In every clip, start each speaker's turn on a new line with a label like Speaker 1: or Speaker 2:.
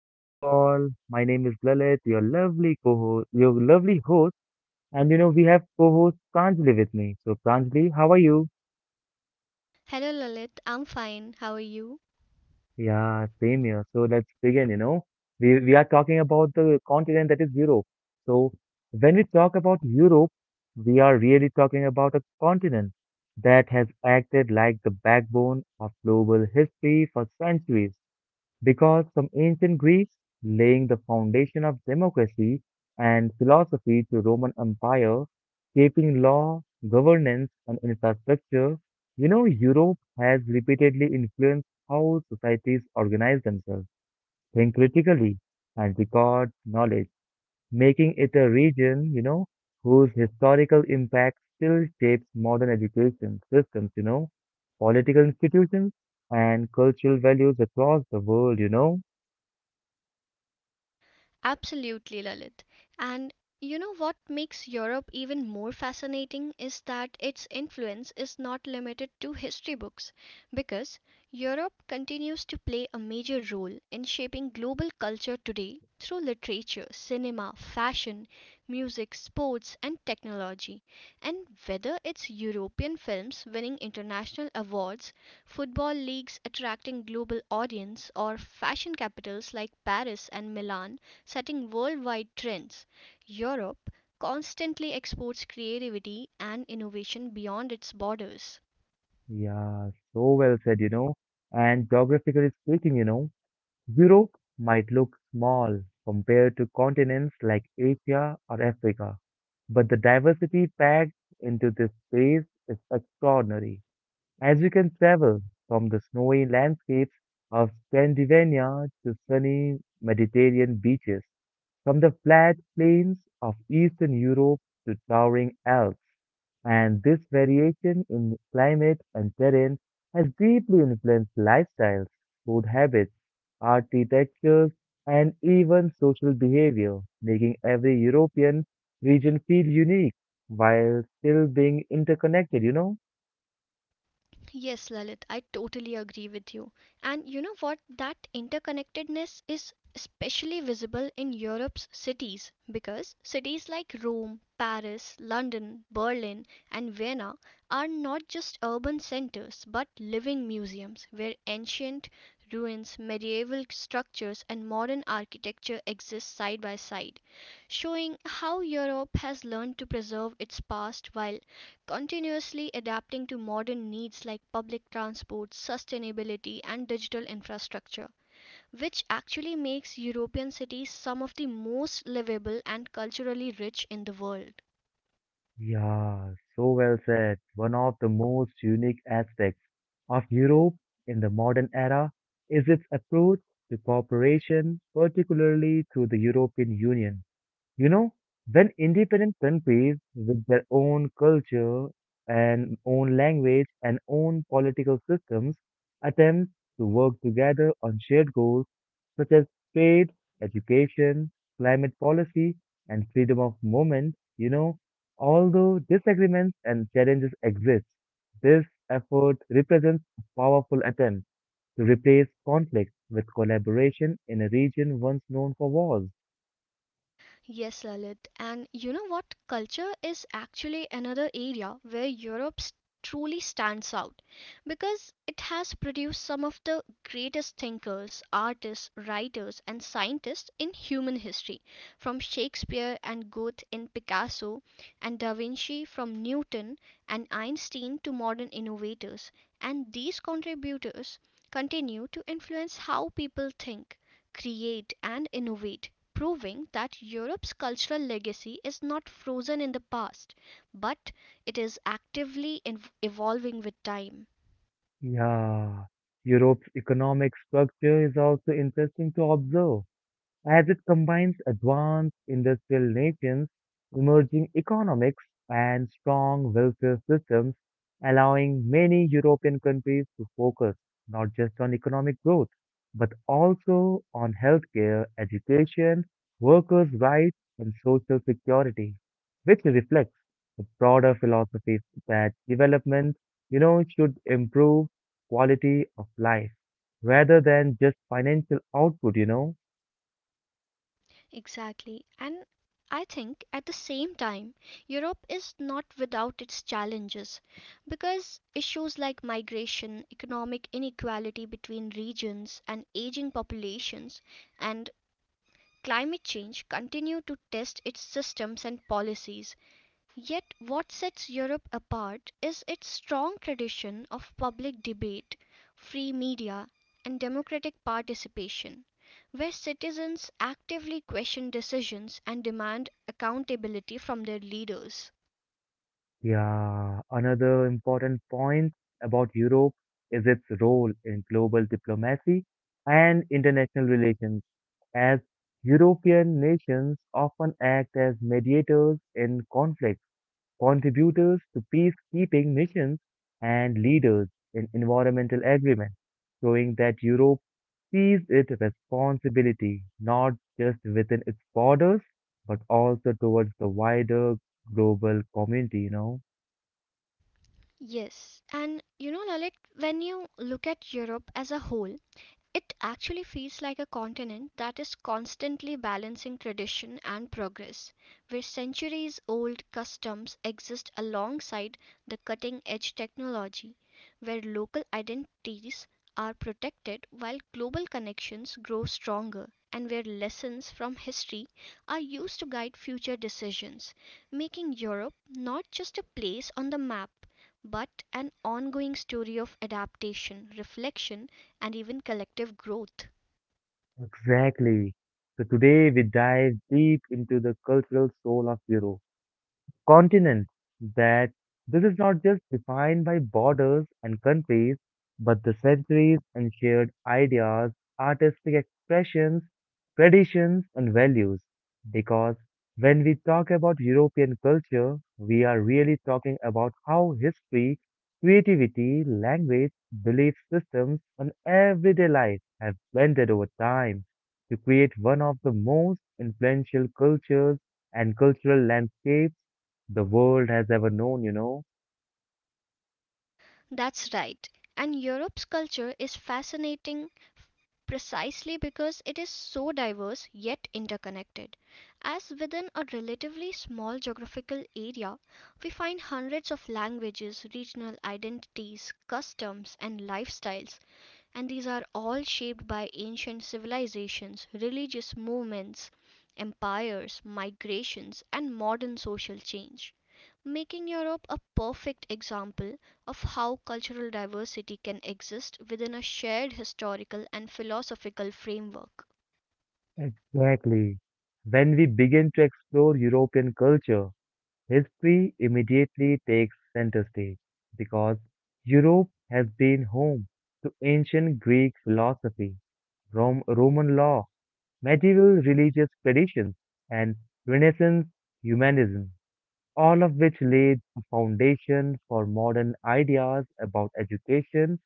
Speaker 1: how are you all? My name is Lalit, your lovely co-host, your lovely host, and you know we have co-host Pranjali with me. So, Pranjali, how are you?
Speaker 2: Hello Lalit, I'm fine. How are you?
Speaker 1: Yeah, same here. So let's begin. We are talking about the continent that is Europe. So when we talk about Europe, we are really talking about a continent that has acted like the backbone of global history for centuries, because from ancient Greece, laying the foundation of democracy and philosophy to Roman Empire, shaping law, governance, and infrastructure, you know, Europe has repeatedly influenced how societies organize themselves, think critically, and record knowledge, making it a region, you know, whose historical impact still shapes modern education systems, you know, political institutions, and cultural values across the world, you know.
Speaker 2: Absolutely, Lalit. And you know what makes Europe even more fascinating is that its influence is not limited to history books, because Europe continues to play a major role in shaping global culture today through literature, cinema, fashion, music, sports, and technology. And whether it's European films winning international awards, football leagues attracting global audience, or fashion capitals like Paris and Milan setting worldwide trends. Europe constantly exports creativity and innovation beyond its borders.
Speaker 1: Yeah, so well said, you know. And geographically speaking, you know, Europe might look small compared to continents like Asia or Africa, but the diversity packed into this space is extraordinary, as you can travel from the snowy landscapes of Scandinavia to sunny Mediterranean beaches, from the flat plains of Eastern Europe to towering Alps, and this variation in climate and terrain has deeply influenced lifestyles, food habits, architectures, and even social behavior, making every European region feel unique while still being interconnected, you know?
Speaker 2: Yes, Lalit, I totally agree with you. And you know what? That interconnectedness is especially visible in Europe's cities because cities like Rome, Paris, London, Berlin, and Vienna are not just urban centers but living museums where ancient ruins, medieval structures, and modern architecture exist side by side, showing how Europe has learned to preserve its past while continuously adapting to modern needs like public transport, sustainability, and digital infrastructure, which actually makes European cities some of the most livable and culturally rich in the world.
Speaker 1: Yeah, so well said. One of the most unique aspects of Europe in the modern era is its approach to cooperation, particularly through the European Union. You know, when independent countries with their own culture and own language and own political systems attempt to work together on shared goals such as trade, education, climate policy, and freedom of movement, you know, although disagreements and challenges exist, this effort represents a powerful attempt to replace conflict with collaboration in a region once known for wars.
Speaker 2: Yes, Lalit. And you know what? Culture is actually another area where truly stands out because it has produced some of the greatest thinkers, artists, writers, and scientists in human history, from Shakespeare and Goethe in Picasso, and Da Vinci from Newton and Einstein to modern innovators. And these contributors continue to influence how people think, create, and innovate, proving that Europe's cultural legacy is not frozen in the past, but it is actively evolving with time.
Speaker 1: Yeah, Europe's economic structure is also interesting to observe, as it combines advanced industrial nations, emerging economics, and strong welfare systems, allowing many European countries to focus not just on economic growth, but also on healthcare, education, workers' rights, and social security, which reflects the broader philosophy that development, you know, should improve quality of life rather than just financial output, you know.
Speaker 2: Exactly. And I think at the same time, Europe is not without its challenges because issues like migration, economic inequality between regions, and aging populations, and climate change continue to test its systems and policies. Yet what sets Europe apart is its strong tradition of public debate, free media, and democratic participation, where citizens actively question decisions and demand accountability from their leaders.
Speaker 1: Yeah, another important point about Europe is its role in global diplomacy and international relations, as European nations often act as mediators in conflicts, contributors to peacekeeping missions, and leaders in environmental agreements, showing that Europe sees its responsibility not just within its borders, but also towards the wider global community, you know.
Speaker 2: Yes, and you know, Lalit, when you look at Europe as a whole, it actually feels like a continent that is constantly balancing tradition and progress, where centuries old customs exist alongside the cutting edge technology, where local identities are protected while global connections grow stronger, and where lessons from history are used to guide future decisions, making Europe not just a place on the map, but an ongoing story of adaptation, reflection, and even collective growth.
Speaker 1: Exactly. So today we dive deep into the cultural soul of Europe, continent that this is not just defined by borders and countries, but the centuries and shared ideas, artistic expressions, traditions, and values. Because when we talk about European culture, we are really talking about how history, creativity, language, belief systems, and everyday life have blended over time to create one of the most influential cultures and cultural landscapes the world has ever known, you know.
Speaker 2: That's right. And Europe's culture is fascinating precisely because it is so diverse yet interconnected. As within a relatively small geographical area, we find hundreds of languages, regional identities, customs, and lifestyles. And these are all shaped by ancient civilizations, religious movements, empires, migrations, and modern social change, making Europe a perfect example of how cultural diversity can exist within a shared historical and philosophical framework.
Speaker 1: Exactly. When we begin to explore European culture, history immediately takes center stage because Europe has been home to ancient Greek philosophy, Roman law, medieval religious traditions, and Renaissance humanism, all of which laid the foundation for modern ideas about education,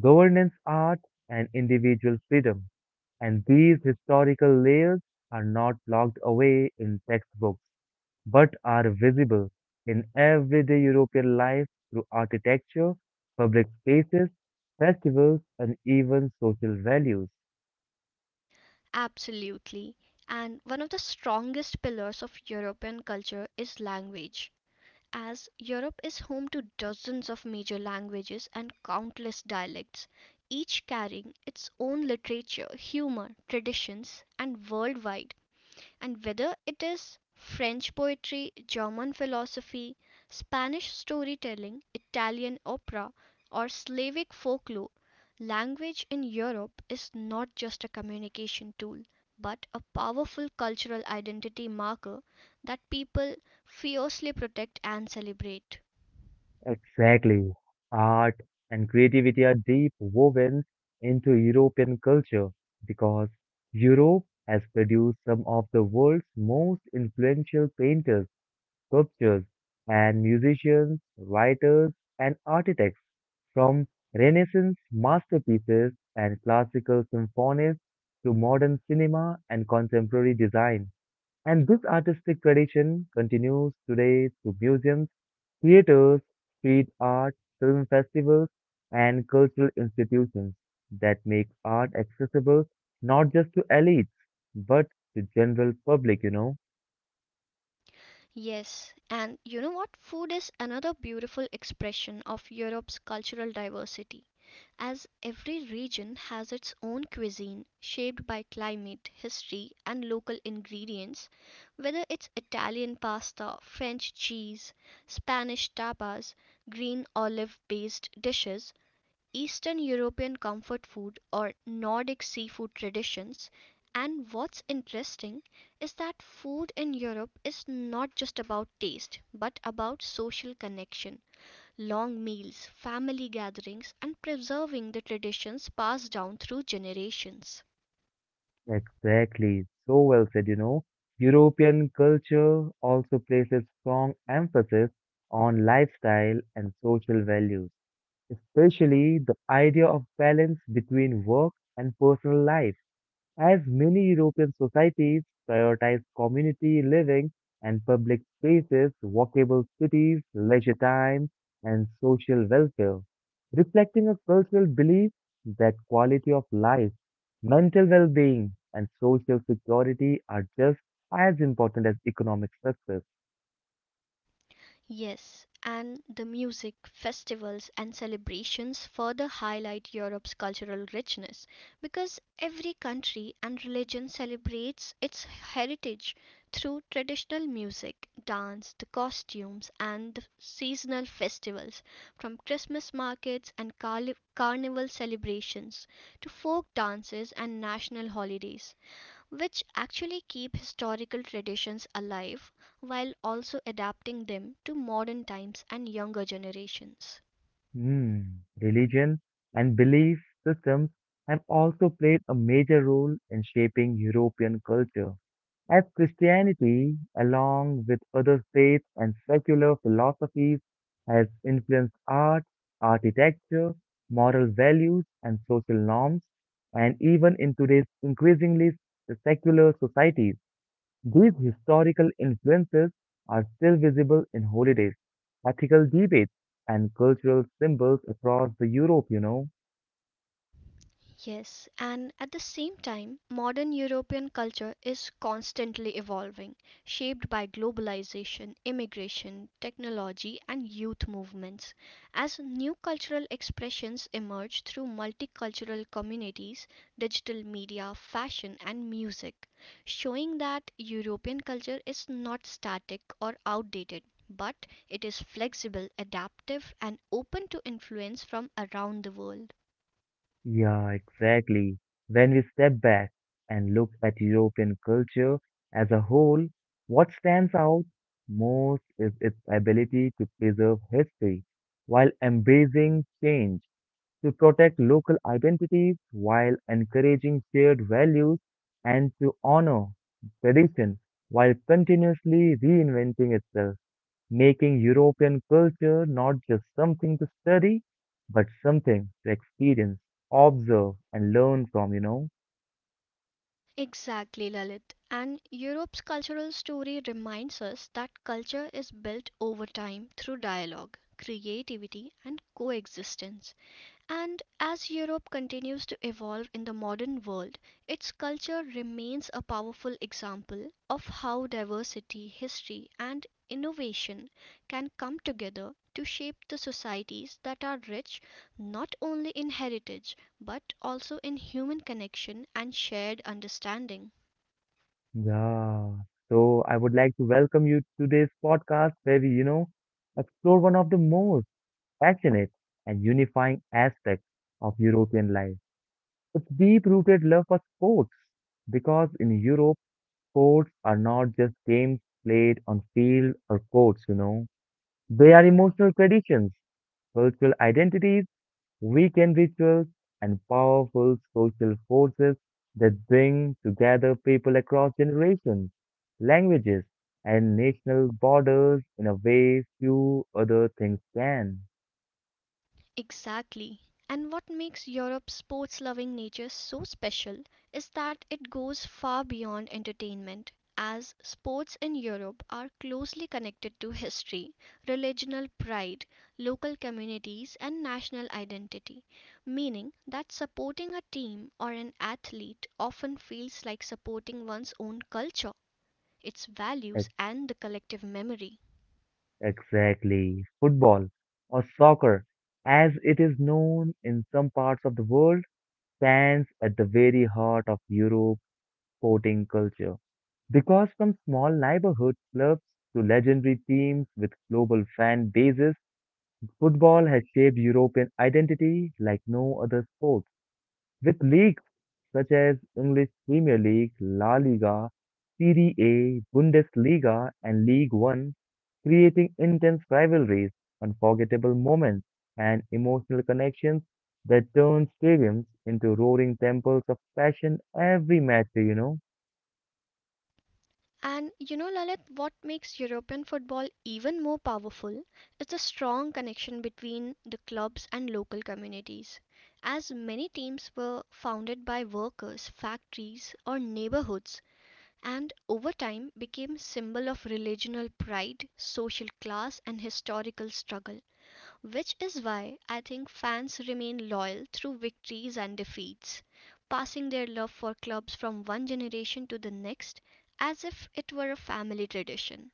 Speaker 1: governance, art, and individual freedom. And these historical layers are not locked away in textbooks, but are visible in everyday European life through architecture, public spaces, festivals, and even social values.
Speaker 2: Absolutely. And one of the strongest pillars of European culture is language, as Europe is home to dozens of major languages and countless dialects, each carrying its own literature, humor, traditions, and worldwide. And whether it is French poetry, German philosophy, Spanish storytelling, Italian opera, or Slavic folklore, language in Europe is not just a communication tool, but a powerful cultural identity marker that people fiercely protect and celebrate.
Speaker 1: Exactly. Art and creativity are deep woven into European culture because Europe has produced some of the world's most influential painters, sculptors and musicians, writers and architects, from Renaissance masterpieces and classical symphonies to modern cinema and contemporary design. And this artistic tradition continues today through museums, theaters, street art, film festivals, and cultural institutions that make art accessible not just to elites, but the general public, you know.
Speaker 2: Yes, and you know what? Food is another beautiful expression of Europe's cultural diversity, as every region has its own cuisine shaped by climate, history, and local ingredients. Whether it's Italian pasta, French cheese, Spanish tapas, green olive based dishes, Eastern European comfort food or Nordic seafood traditions. And what's interesting is that food in Europe is not just about taste, but about social connection, long meals, family gatherings, and preserving the traditions passed down through generations.
Speaker 1: Exactly. So well said, you know. European culture also places strong emphasis on lifestyle and social values, especially the idea of balance between work and personal life, as many European societies prioritize community living and public spaces, walkable cities, leisure time, and social welfare, reflecting a cultural belief that quality of life, mental well being, and social security are just as important as economic success.
Speaker 2: Yes, and the music, festivals, and celebrations further highlight Europe's cultural richness because every country and religion celebrates its heritage through traditional music, dance, the costumes, and the seasonal festivals, from Christmas markets and carnival celebrations to folk dances and national holidays, which actually keep historical traditions alive while also adapting them to modern times and younger generations.
Speaker 1: Hmm. Religion and belief systems have also played a major role in shaping European culture, as Christianity, along with other faiths and secular philosophies, has influenced art, architecture, moral values, and social norms, and even in today's increasingly secular societies, these historical influences are still visible in holidays, ethical debates, and cultural symbols across the Europe, you know.
Speaker 2: Yes, and at the same time, modern European culture is constantly evolving, shaped by globalization, immigration, technology, and youth movements. As new cultural expressions emerge through multicultural communities, digital media, fashion, and music, showing that European culture is not static or outdated. But it is flexible, adaptive, and open to influence from around the world.
Speaker 1: Yeah, exactly. When we step back and look at European culture as a whole, what stands out most is its ability to preserve history while embracing change, to protect local identities while encouraging shared values, and to honor tradition while continuously reinventing itself, making European culture not just something to study, but something to experience, observe, and learn from, you know.
Speaker 2: Exactly, Lalit. And Europe's cultural story reminds us that culture is built over time through dialogue, creativity, and coexistence. And as Europe continues to evolve in the modern world, its culture remains a powerful example of how diversity, history, and innovation can come together to shape the societies that are rich not only in heritage but also in human connection and shared understanding.
Speaker 1: Yeah. So I would like to welcome you to today's podcast where we, you know, explore one of the most passionate and unifying aspects of European life. Its deep-rooted love for sports, because in Europe, sports are not just games played on field or courts, you know. They are emotional traditions, cultural identities, weekend rituals, and powerful social forces that bring together people across generations, languages, and national borders in a way few other things can.
Speaker 2: Exactly. And what makes Europe's sports loving nature so special is that it goes far beyond entertainment, as sports in Europe are closely connected to history, regional pride, local communities, and national identity, meaning that supporting a team or an athlete often feels like supporting one's own culture, its values,
Speaker 1: Ex-
Speaker 2: and the collective memory.
Speaker 1: Exactly, football or soccer, as it is known in some parts of the world, stands at the very heart of Europe's sporting culture. Because from small neighborhood clubs to legendary teams with global fan bases, football has shaped European identity like no other sport, with leagues such as English Premier League, La Liga, Serie A, Bundesliga, and League One, creating intense rivalries, unforgettable moments, and emotional connections that turn stadiums into roaring temples of passion every match, day, you know?
Speaker 2: And you know, Lalit, what makes European football even more powerful is the strong connection between the clubs and local communities. As many teams were founded by workers, factories, or neighborhoods, and over time became symbol of regional pride, social class, and historical struggle. Which is why I think fans remain loyal through victories and defeats, passing their love for clubs from one generation to the next as if it were a family tradition.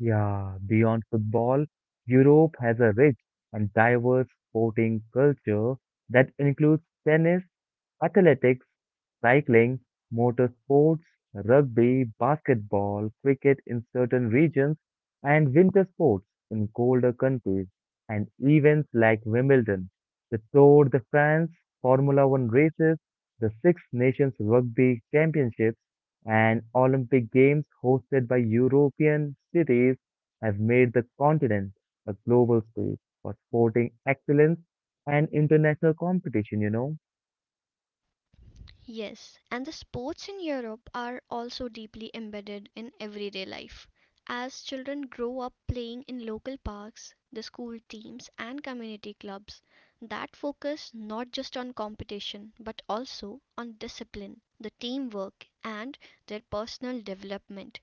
Speaker 1: Yeah, beyond football, Europe has a rich and diverse sporting culture that includes tennis, athletics, cycling, motorsports, rugby, basketball, cricket in certain regions, and winter sports in colder countries, and events like Wimbledon, the Tour de France, Formula One races, the Six Nations Rugby Championships, and Olympic Games hosted by European cities have made the continent a global space for sporting excellence and international competition, you know.
Speaker 2: Yes, and the sports in Europe are also deeply embedded in everyday life. As children grow up playing in local parks, the school teams, and community clubs that focus not just on competition but also on discipline, the teamwork, and their personal development.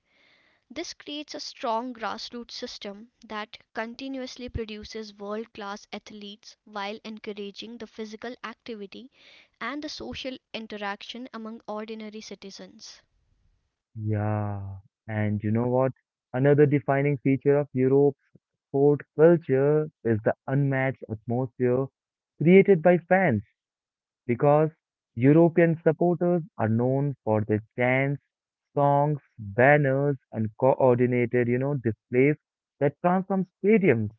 Speaker 2: This creates a strong grassroots system that continuously produces world class athletes while encouraging the physical activity and the social interaction among ordinary citizens.
Speaker 1: Yeah, and you know what? Another defining feature of Europe's sport culture is the unmatched atmosphere created by fans, because European supporters are known for their chants, songs, banners, and coordinated, you know, displays that transform stadiums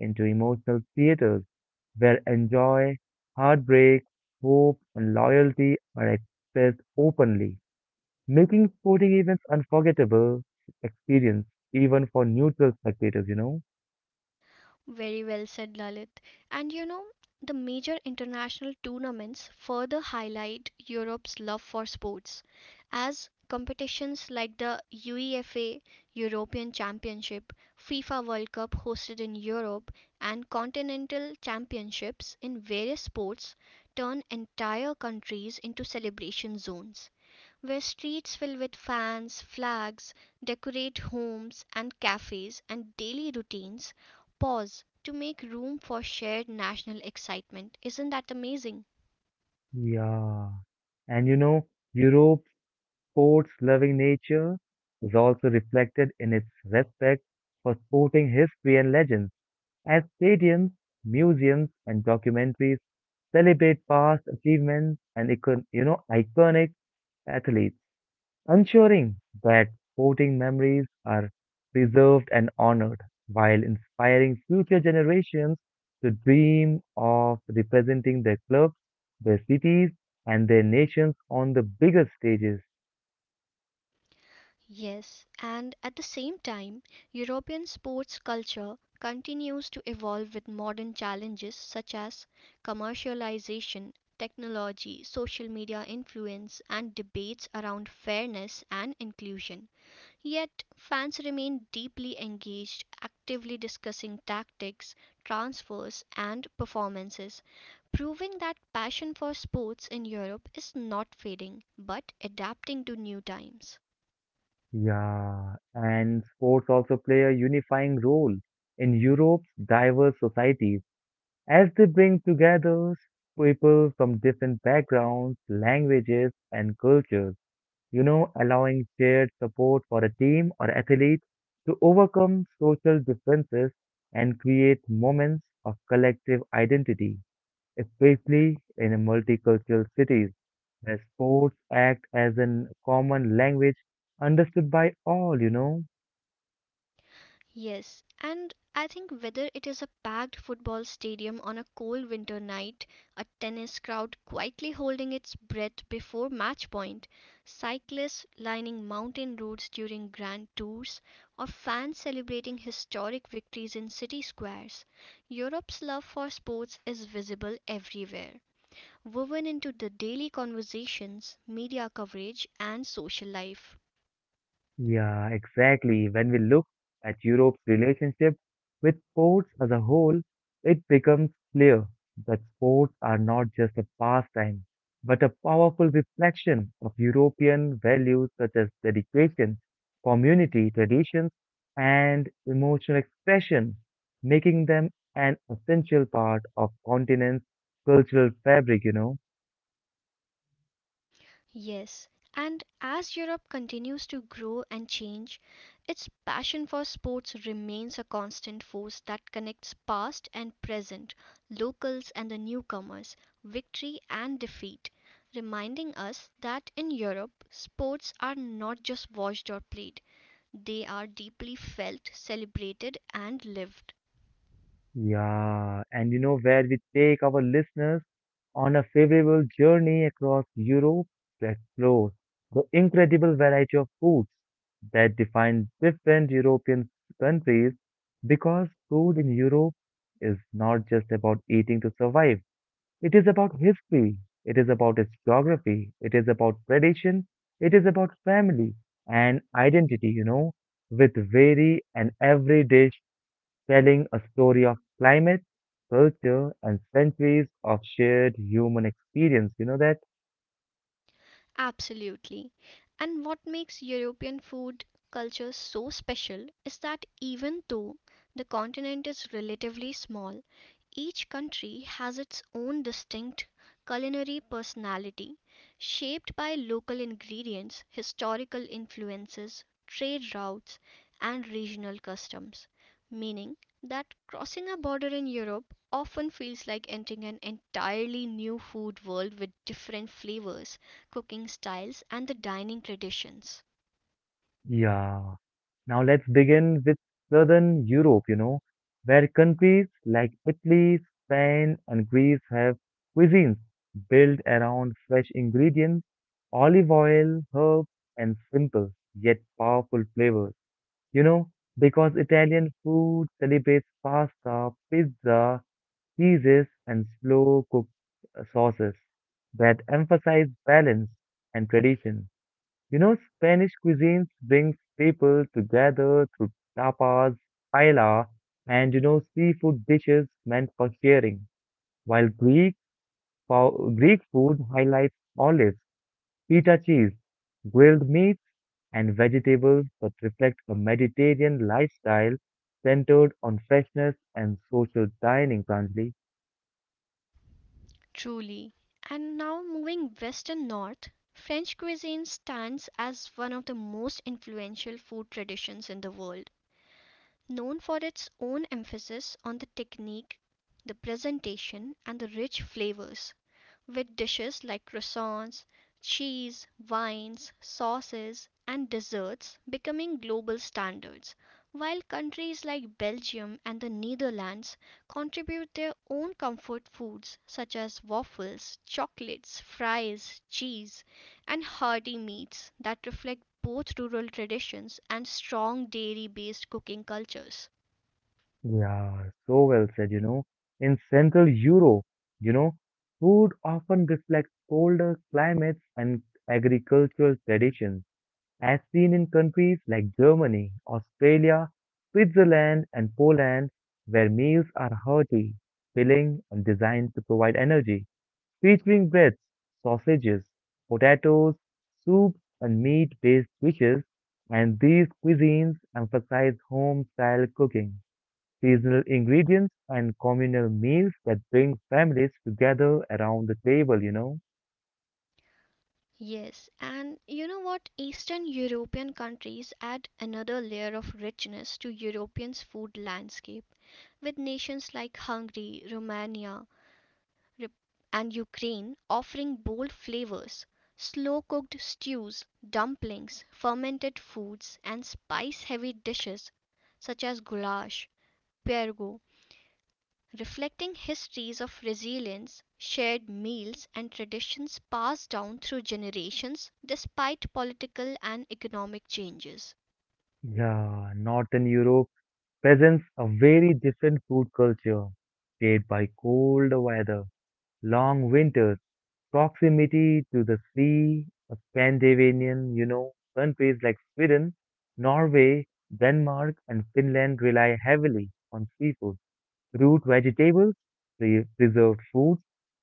Speaker 1: into emotional theaters where enjoy, heartbreak, hope, and loyalty are expressed openly, making sporting events unforgettable experience even for neutral spectators, you know?
Speaker 2: Very well said, Lalit. And you know, the major international tournaments further highlight Europe's love for sports, as competitions like the UEFA European Championship, FIFA World Cup hosted in Europe, and continental championships in various sports turn entire countries into celebration zones, where streets fill with fans, flags, decorate homes and cafes, and daily routines pause to make room for shared national excitement. Isn't that amazing?
Speaker 1: Yeah. And you know, Europe's sports loving nature is also reflected in its respect for sporting history and legends, as stadiums, museums, and documentaries celebrate past achievements and you know iconic athletes, ensuring that sporting memories are preserved and honored, while inspiring future generations to dream of representing their clubs, their cities, and their nations on the bigger stages.
Speaker 2: Yes, and at the same time, European sports culture continues to evolve with modern challenges such as commercialization, technology, social media influence, and debates around fairness and inclusion. Yet fans remain deeply engaged, actively discussing tactics, transfers, and performances, proving that passion for sports in Europe is not fading, but adapting to new times.
Speaker 1: Yeah, and sports also play a unifying role in Europe's diverse societies as they bring together people from different backgrounds, languages, and cultures, you know, allowing shared support for a team or athlete to overcome social differences and create moments of collective identity, especially in a multicultural cities where sports act as a common language understood by all, you know.
Speaker 2: Yes, and I think whether it is a packed football stadium on a cold winter night, a tennis crowd quietly holding its breath before match point, cyclists lining mountain roads during grand tours, or fans celebrating historic victories in city squares, Europe's love for sports is visible everywhere, woven into the daily conversations, media coverage, and social life.
Speaker 1: Yeah, exactly. When we look at Europe's relationship with sports as a whole, it becomes clear that sports are not just a pastime, but a powerful reflection of European values such as dedication, community traditions, and emotional expression, making them an essential part of continent's cultural fabric, you know.
Speaker 2: Yes, and as Europe continues to grow and change, its passion for sports remains a constant force that connects past and present, locals and the newcomers, victory and defeat, reminding us that in Europe, sports are not just watched or played, they are deeply felt, celebrated, and lived.
Speaker 1: Yeah, and you know where we take our listeners on a favorable journey across Europe to explore the incredible variety of foods that define different European countries, because food in Europe is not just about eating to survive. It is about history, it is about its geography, it is about tradition, it is about family and identity, you know, with very and every dish telling a story of climate, culture, and centuries of shared human experience. You know that?
Speaker 2: Absolutely. And what makes European food culture so special is that even though the continent is relatively small, each country has its own distinct culinary personality, shaped by local ingredients, historical influences, trade routes, and regional customs. Meaning that crossing a border in Europe often feels like entering an entirely new food world with different flavors, cooking styles, and the dining traditions.
Speaker 1: Yeah. Now let's begin with Southern Europe, you know, where countries like Italy, Spain, and Greece have cuisines built around fresh ingredients, olive oil, herbs, and simple yet powerful flavors. You know, because Italian food celebrates pasta, pizza, cheeses, and slow cooked sauces that emphasize balance and tradition. You know, Spanish cuisines brings people together through tapas, paella, and you know, seafood dishes meant for sharing, while Greek food highlights olives, feta cheese, grilled meats, and vegetables that reflect a Mediterranean lifestyle centered on freshness and social dining, Pranjali.
Speaker 2: Truly. And now moving west and north, French cuisine stands as one of the most influential food traditions in the world. Known for its own emphasis on the technique, the presentation, and the rich flavors, with dishes like croissants, cheese, wines, sauces, and desserts becoming global standards, while countries like Belgium and the Netherlands contribute their own comfort foods such as waffles, chocolates, fries, cheese, and hearty meats that reflect both rural traditions and strong dairy based cooking cultures.
Speaker 1: Yeah, so well said, you know. In Central Europe, you know, food often reflects colder climates and agricultural traditions, as seen in countries like Germany, Australia, Switzerland, and Poland, where meals are hearty, filling, and designed to provide energy, featuring breads, sausages, potatoes, soups, and meat-based dishes. And these cuisines emphasize home-style cooking seasonal ingredients, and communal meals that bring families together around the table,
Speaker 2: Yes, and you know what? Eastern European countries add another layer of richness to Europeans' food landscape, with nations like Hungary, Romania, Rep- and Ukraine offering bold flavors, slow cooked stews, dumplings, fermented foods, and spice heavy dishes such as goulash, pierogi, reflecting histories of resilience, shared meals, and traditions passed down through generations despite political and economic changes.
Speaker 1: Yeah, Northern Europe presents a very different food culture, shaped by cold weather, long winters, proximity to the sea, Scandinavian, countries like Sweden, Norway, Denmark, and Finland rely heavily on seafood, root vegetables, preserved foods,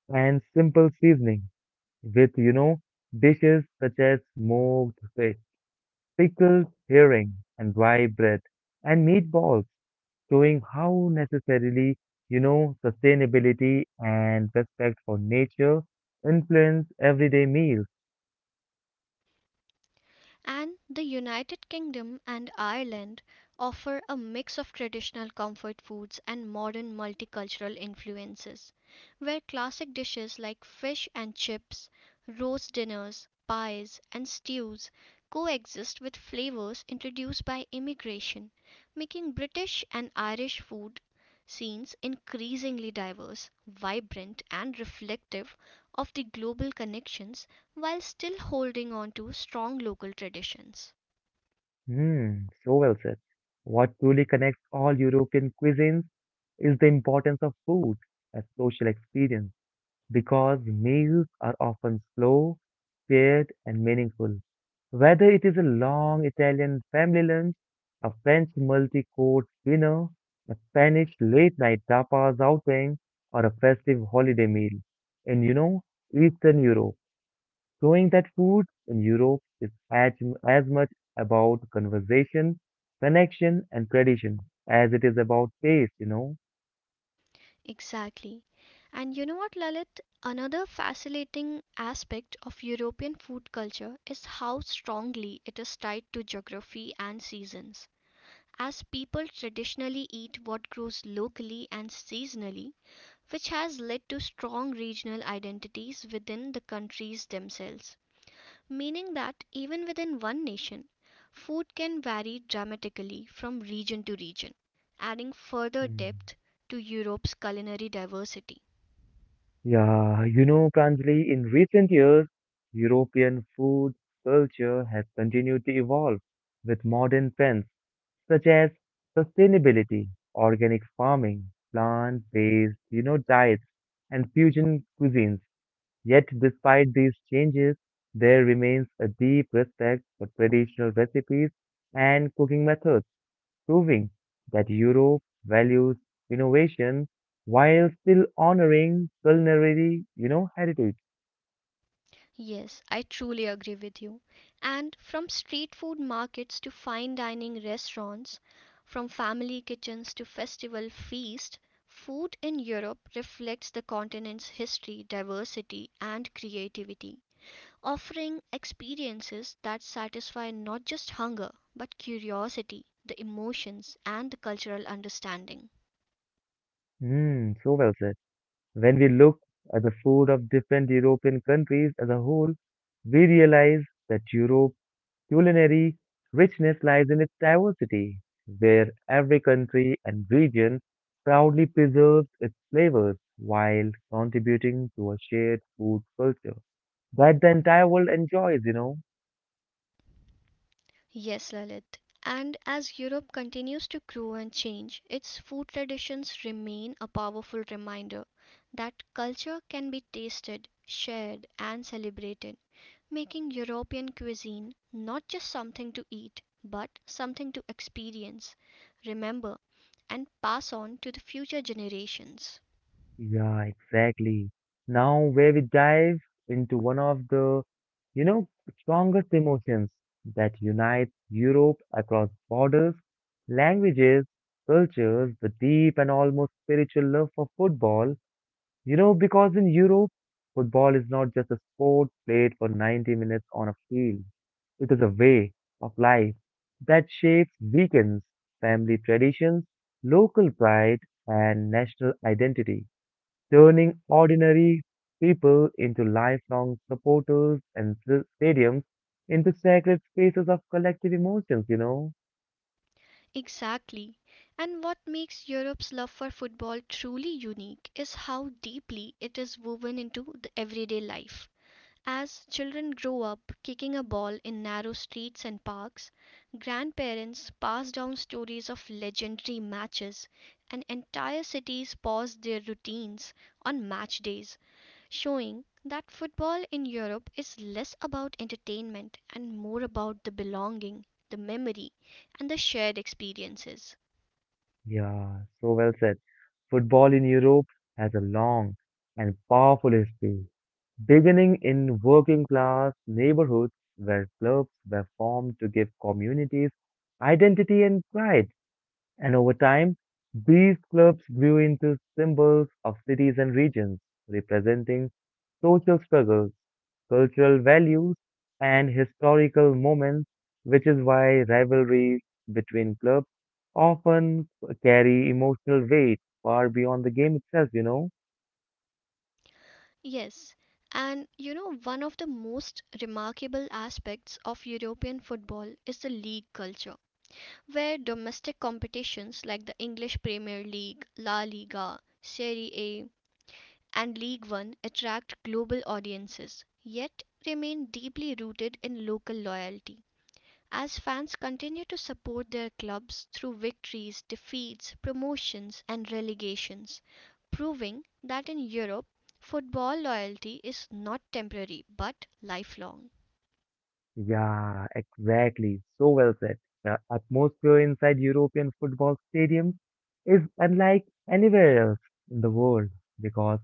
Speaker 1: and simple seasoning with, dishes such as smoked fish, pickled herring, and rye bread, and meatballs, showing how necessarily, sustainability and respect for nature influence everyday meals.
Speaker 2: And the United Kingdom and Ireland offer a mix of traditional comfort foods and modern multicultural influences, where classic dishes like fish and chips, roast dinners, pies, and stews coexist with flavors introduced by immigration, making British and Irish food scenes increasingly diverse, vibrant, and reflective of the global connections while still holding on to strong local traditions.
Speaker 1: Hmm, so well said. What truly connects all European cuisines is the importance of food as social experience, because meals are often slow, paired and meaningful. Whether it is a long Italian family lunch, a French multi-course dinner, a Spanish late-night tapas outing, or a festive holiday meal in, Eastern Europe, showing that food in Europe is as much about conversation, connection, and tradition as it is about taste.
Speaker 2: Exactly. And you know what, Lalit? Another fascinating aspect of European food culture is how strongly it is tied to geography and seasons. As people traditionally eat what grows locally and seasonally, which has led to strong regional identities within the countries themselves. Meaning that even within one nation, food can vary dramatically from region to region, adding further
Speaker 1: Hmm.
Speaker 2: depth to Europe's culinary diversity.
Speaker 1: Yeah, you know, Pranjali, in recent years, European food culture has continued to evolve with modern trends such as sustainability, organic farming, plant-based, diets, and fusion cuisines. Yet, despite these changes, there remains a deep respect for traditional recipes and cooking methods, proving that Europe values innovation while still honoring culinary, heritage.
Speaker 2: Yes, I truly agree with you. And from street food markets to fine dining restaurants, from family kitchens to festival feasts, food in Europe reflects the continent's history, diversity, and creativity, offering experiences that satisfy not just hunger but curiosity, the emotions, and the cultural understanding.
Speaker 1: Mm, so well said. When we look at the food of different European countries as a whole, we realize that Europe's culinary richness lies in its diversity, where every country and region proudly preserves its flavors while contributing to a shared food culture that the entire world enjoys.
Speaker 2: Yes, Lalit. And as Europe continues to grow and change, its food traditions remain a powerful reminder that culture can be tasted, shared, and celebrated, making European cuisine not just something to eat, but something to experience, remember, and pass on to the future generations.
Speaker 1: Yeah, exactly. Now, where we dive into one of the, you know, strongest emotions that unite Europe across borders, languages, cultures, the deep and almost spiritual love for football. You know, because in Europe, football is not just a sport played for 90 minutes on a field. It is a way of life that shapes weekends, family traditions, local pride, and national identity, turning ordinary people into lifelong supporters and stadiums into sacred spaces of collective emotions, you know?
Speaker 2: Exactly. And what makes Europe's love for football truly unique is how deeply it is woven into the everyday life. As children grow up kicking a ball in narrow streets and parks, grandparents pass down stories of legendary matches, and entire cities pause their routines on match days, showing that football in Europe is less about entertainment and more about the belonging, the memory, and the shared experiences.
Speaker 1: Yeah, so well said. Football in Europe has a long and powerful history, beginning in working class neighborhoods where clubs were formed to give communities identity and pride. And over time, these clubs grew into symbols of cities and regions, representing social struggles, cultural values, and historical moments, which is why rivalries between clubs often carry emotional weight far beyond the game itself.
Speaker 2: Yes, and you know, one of the most remarkable aspects of European football is the league culture, where domestic competitions like the English Premier League, La Liga, Serie A, and League One attract global audiences, yet remain deeply rooted in local loyalty. As fans continue to support their clubs through victories, defeats, promotions and relegations, proving that in Europe football loyalty is not temporary but lifelong.
Speaker 1: Yeah, exactly. So well said. The atmosphere inside European football stadiums is unlike anywhere else in the world because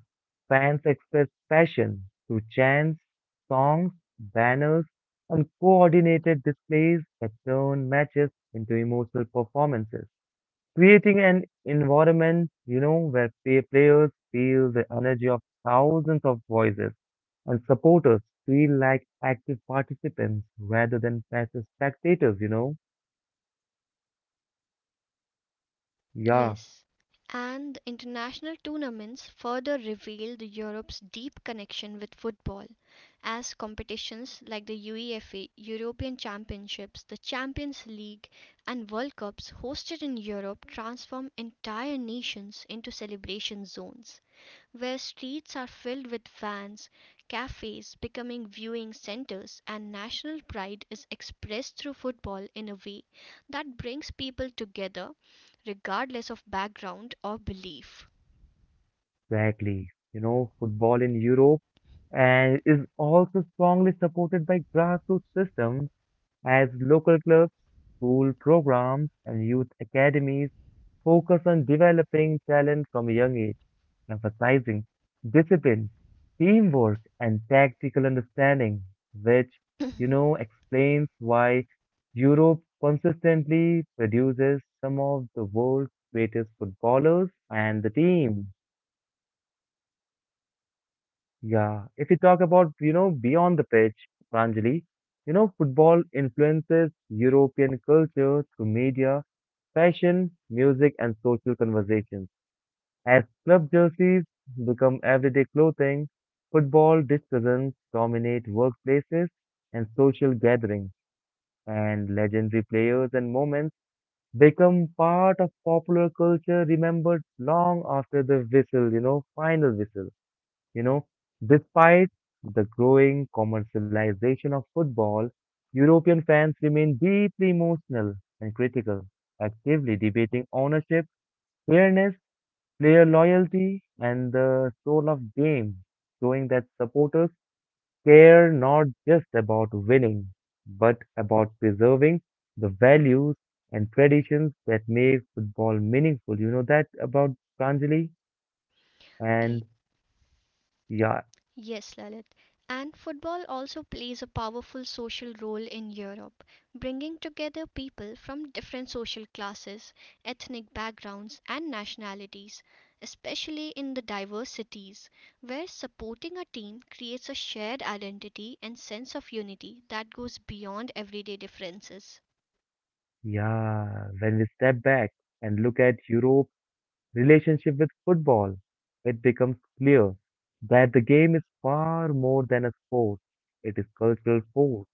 Speaker 1: fans express passion through chants, songs, banners, and coordinated displays that turn matches into emotional performances, creating an environment, you know, where players feel the energy of thousands of voices and supporters feel like active participants rather than passive spectators, you know? Yeah,
Speaker 2: Yes, and the international tournaments further revealed Europe's deep connection with football, as competitions like the UEFA European Championships, the Champions League, and World Cups hosted in Europe transform entire nations into celebration zones where streets are filled with vans, cafes becoming viewing centers, and national pride is expressed through football in a way that brings people together regardless of background or belief.
Speaker 1: exactly. You know, football in Europe and is also strongly supported by grassroots systems, as local clubs, school programs, and youth academies focus on developing talent from a young age, emphasizing discipline, teamwork, and tactical understanding, which, explains why Europe consistently produces some of the world's greatest footballers and the team. Yeah, if we talk about, beyond the pitch, Pranjali, you know, football influences European culture through media, fashion, music, and social conversations. As club jerseys become everyday clothing, football discussions dominate workplaces and social gatherings, and legendary players and moments become part of popular culture remembered long after the final whistle. You know, despite the growing commercialization of football, European fans remain deeply emotional and critical, actively debating ownership, fairness, player loyalty, and the soul of game, showing that supporters care not just about winning, but about preserving the values and traditions that make football meaningful. You know that about Pranjali?
Speaker 2: E
Speaker 1: And yeah,
Speaker 2: Yes, Lalit. And football also plays a powerful social role in Europe, bringing together people from different social classes, ethnic backgrounds, and nationalities, especially in the diverse cities, where supporting a team creates a shared identity and sense of unity that goes beyond everyday differences.
Speaker 1: yeah, when we step back and look at Europe's relationship with football, it becomes clear that the game is far more than a sport. It is cultural force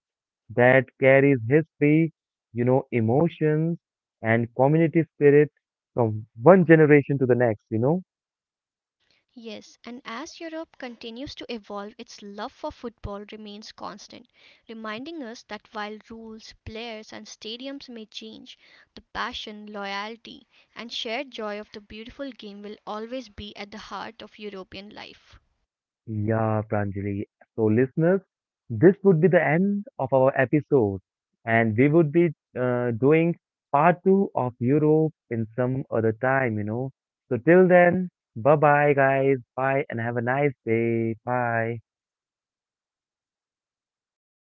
Speaker 1: that carries history, emotions and community spirit from one generation to the next, you know?
Speaker 2: Yes, and as Europe continues to evolve, its love for football remains constant, reminding us that while rules, players, and stadiums may change, the passion, loyalty, and shared joy of the beautiful game will always be at the heart of European life.
Speaker 1: Yeah, Pranjali. So, listeners, this would be the end of our episode, and we would be doing part two of Europe in some other time, you know? So, till then, bye bye, guys. Bye, and have a nice day. Bye.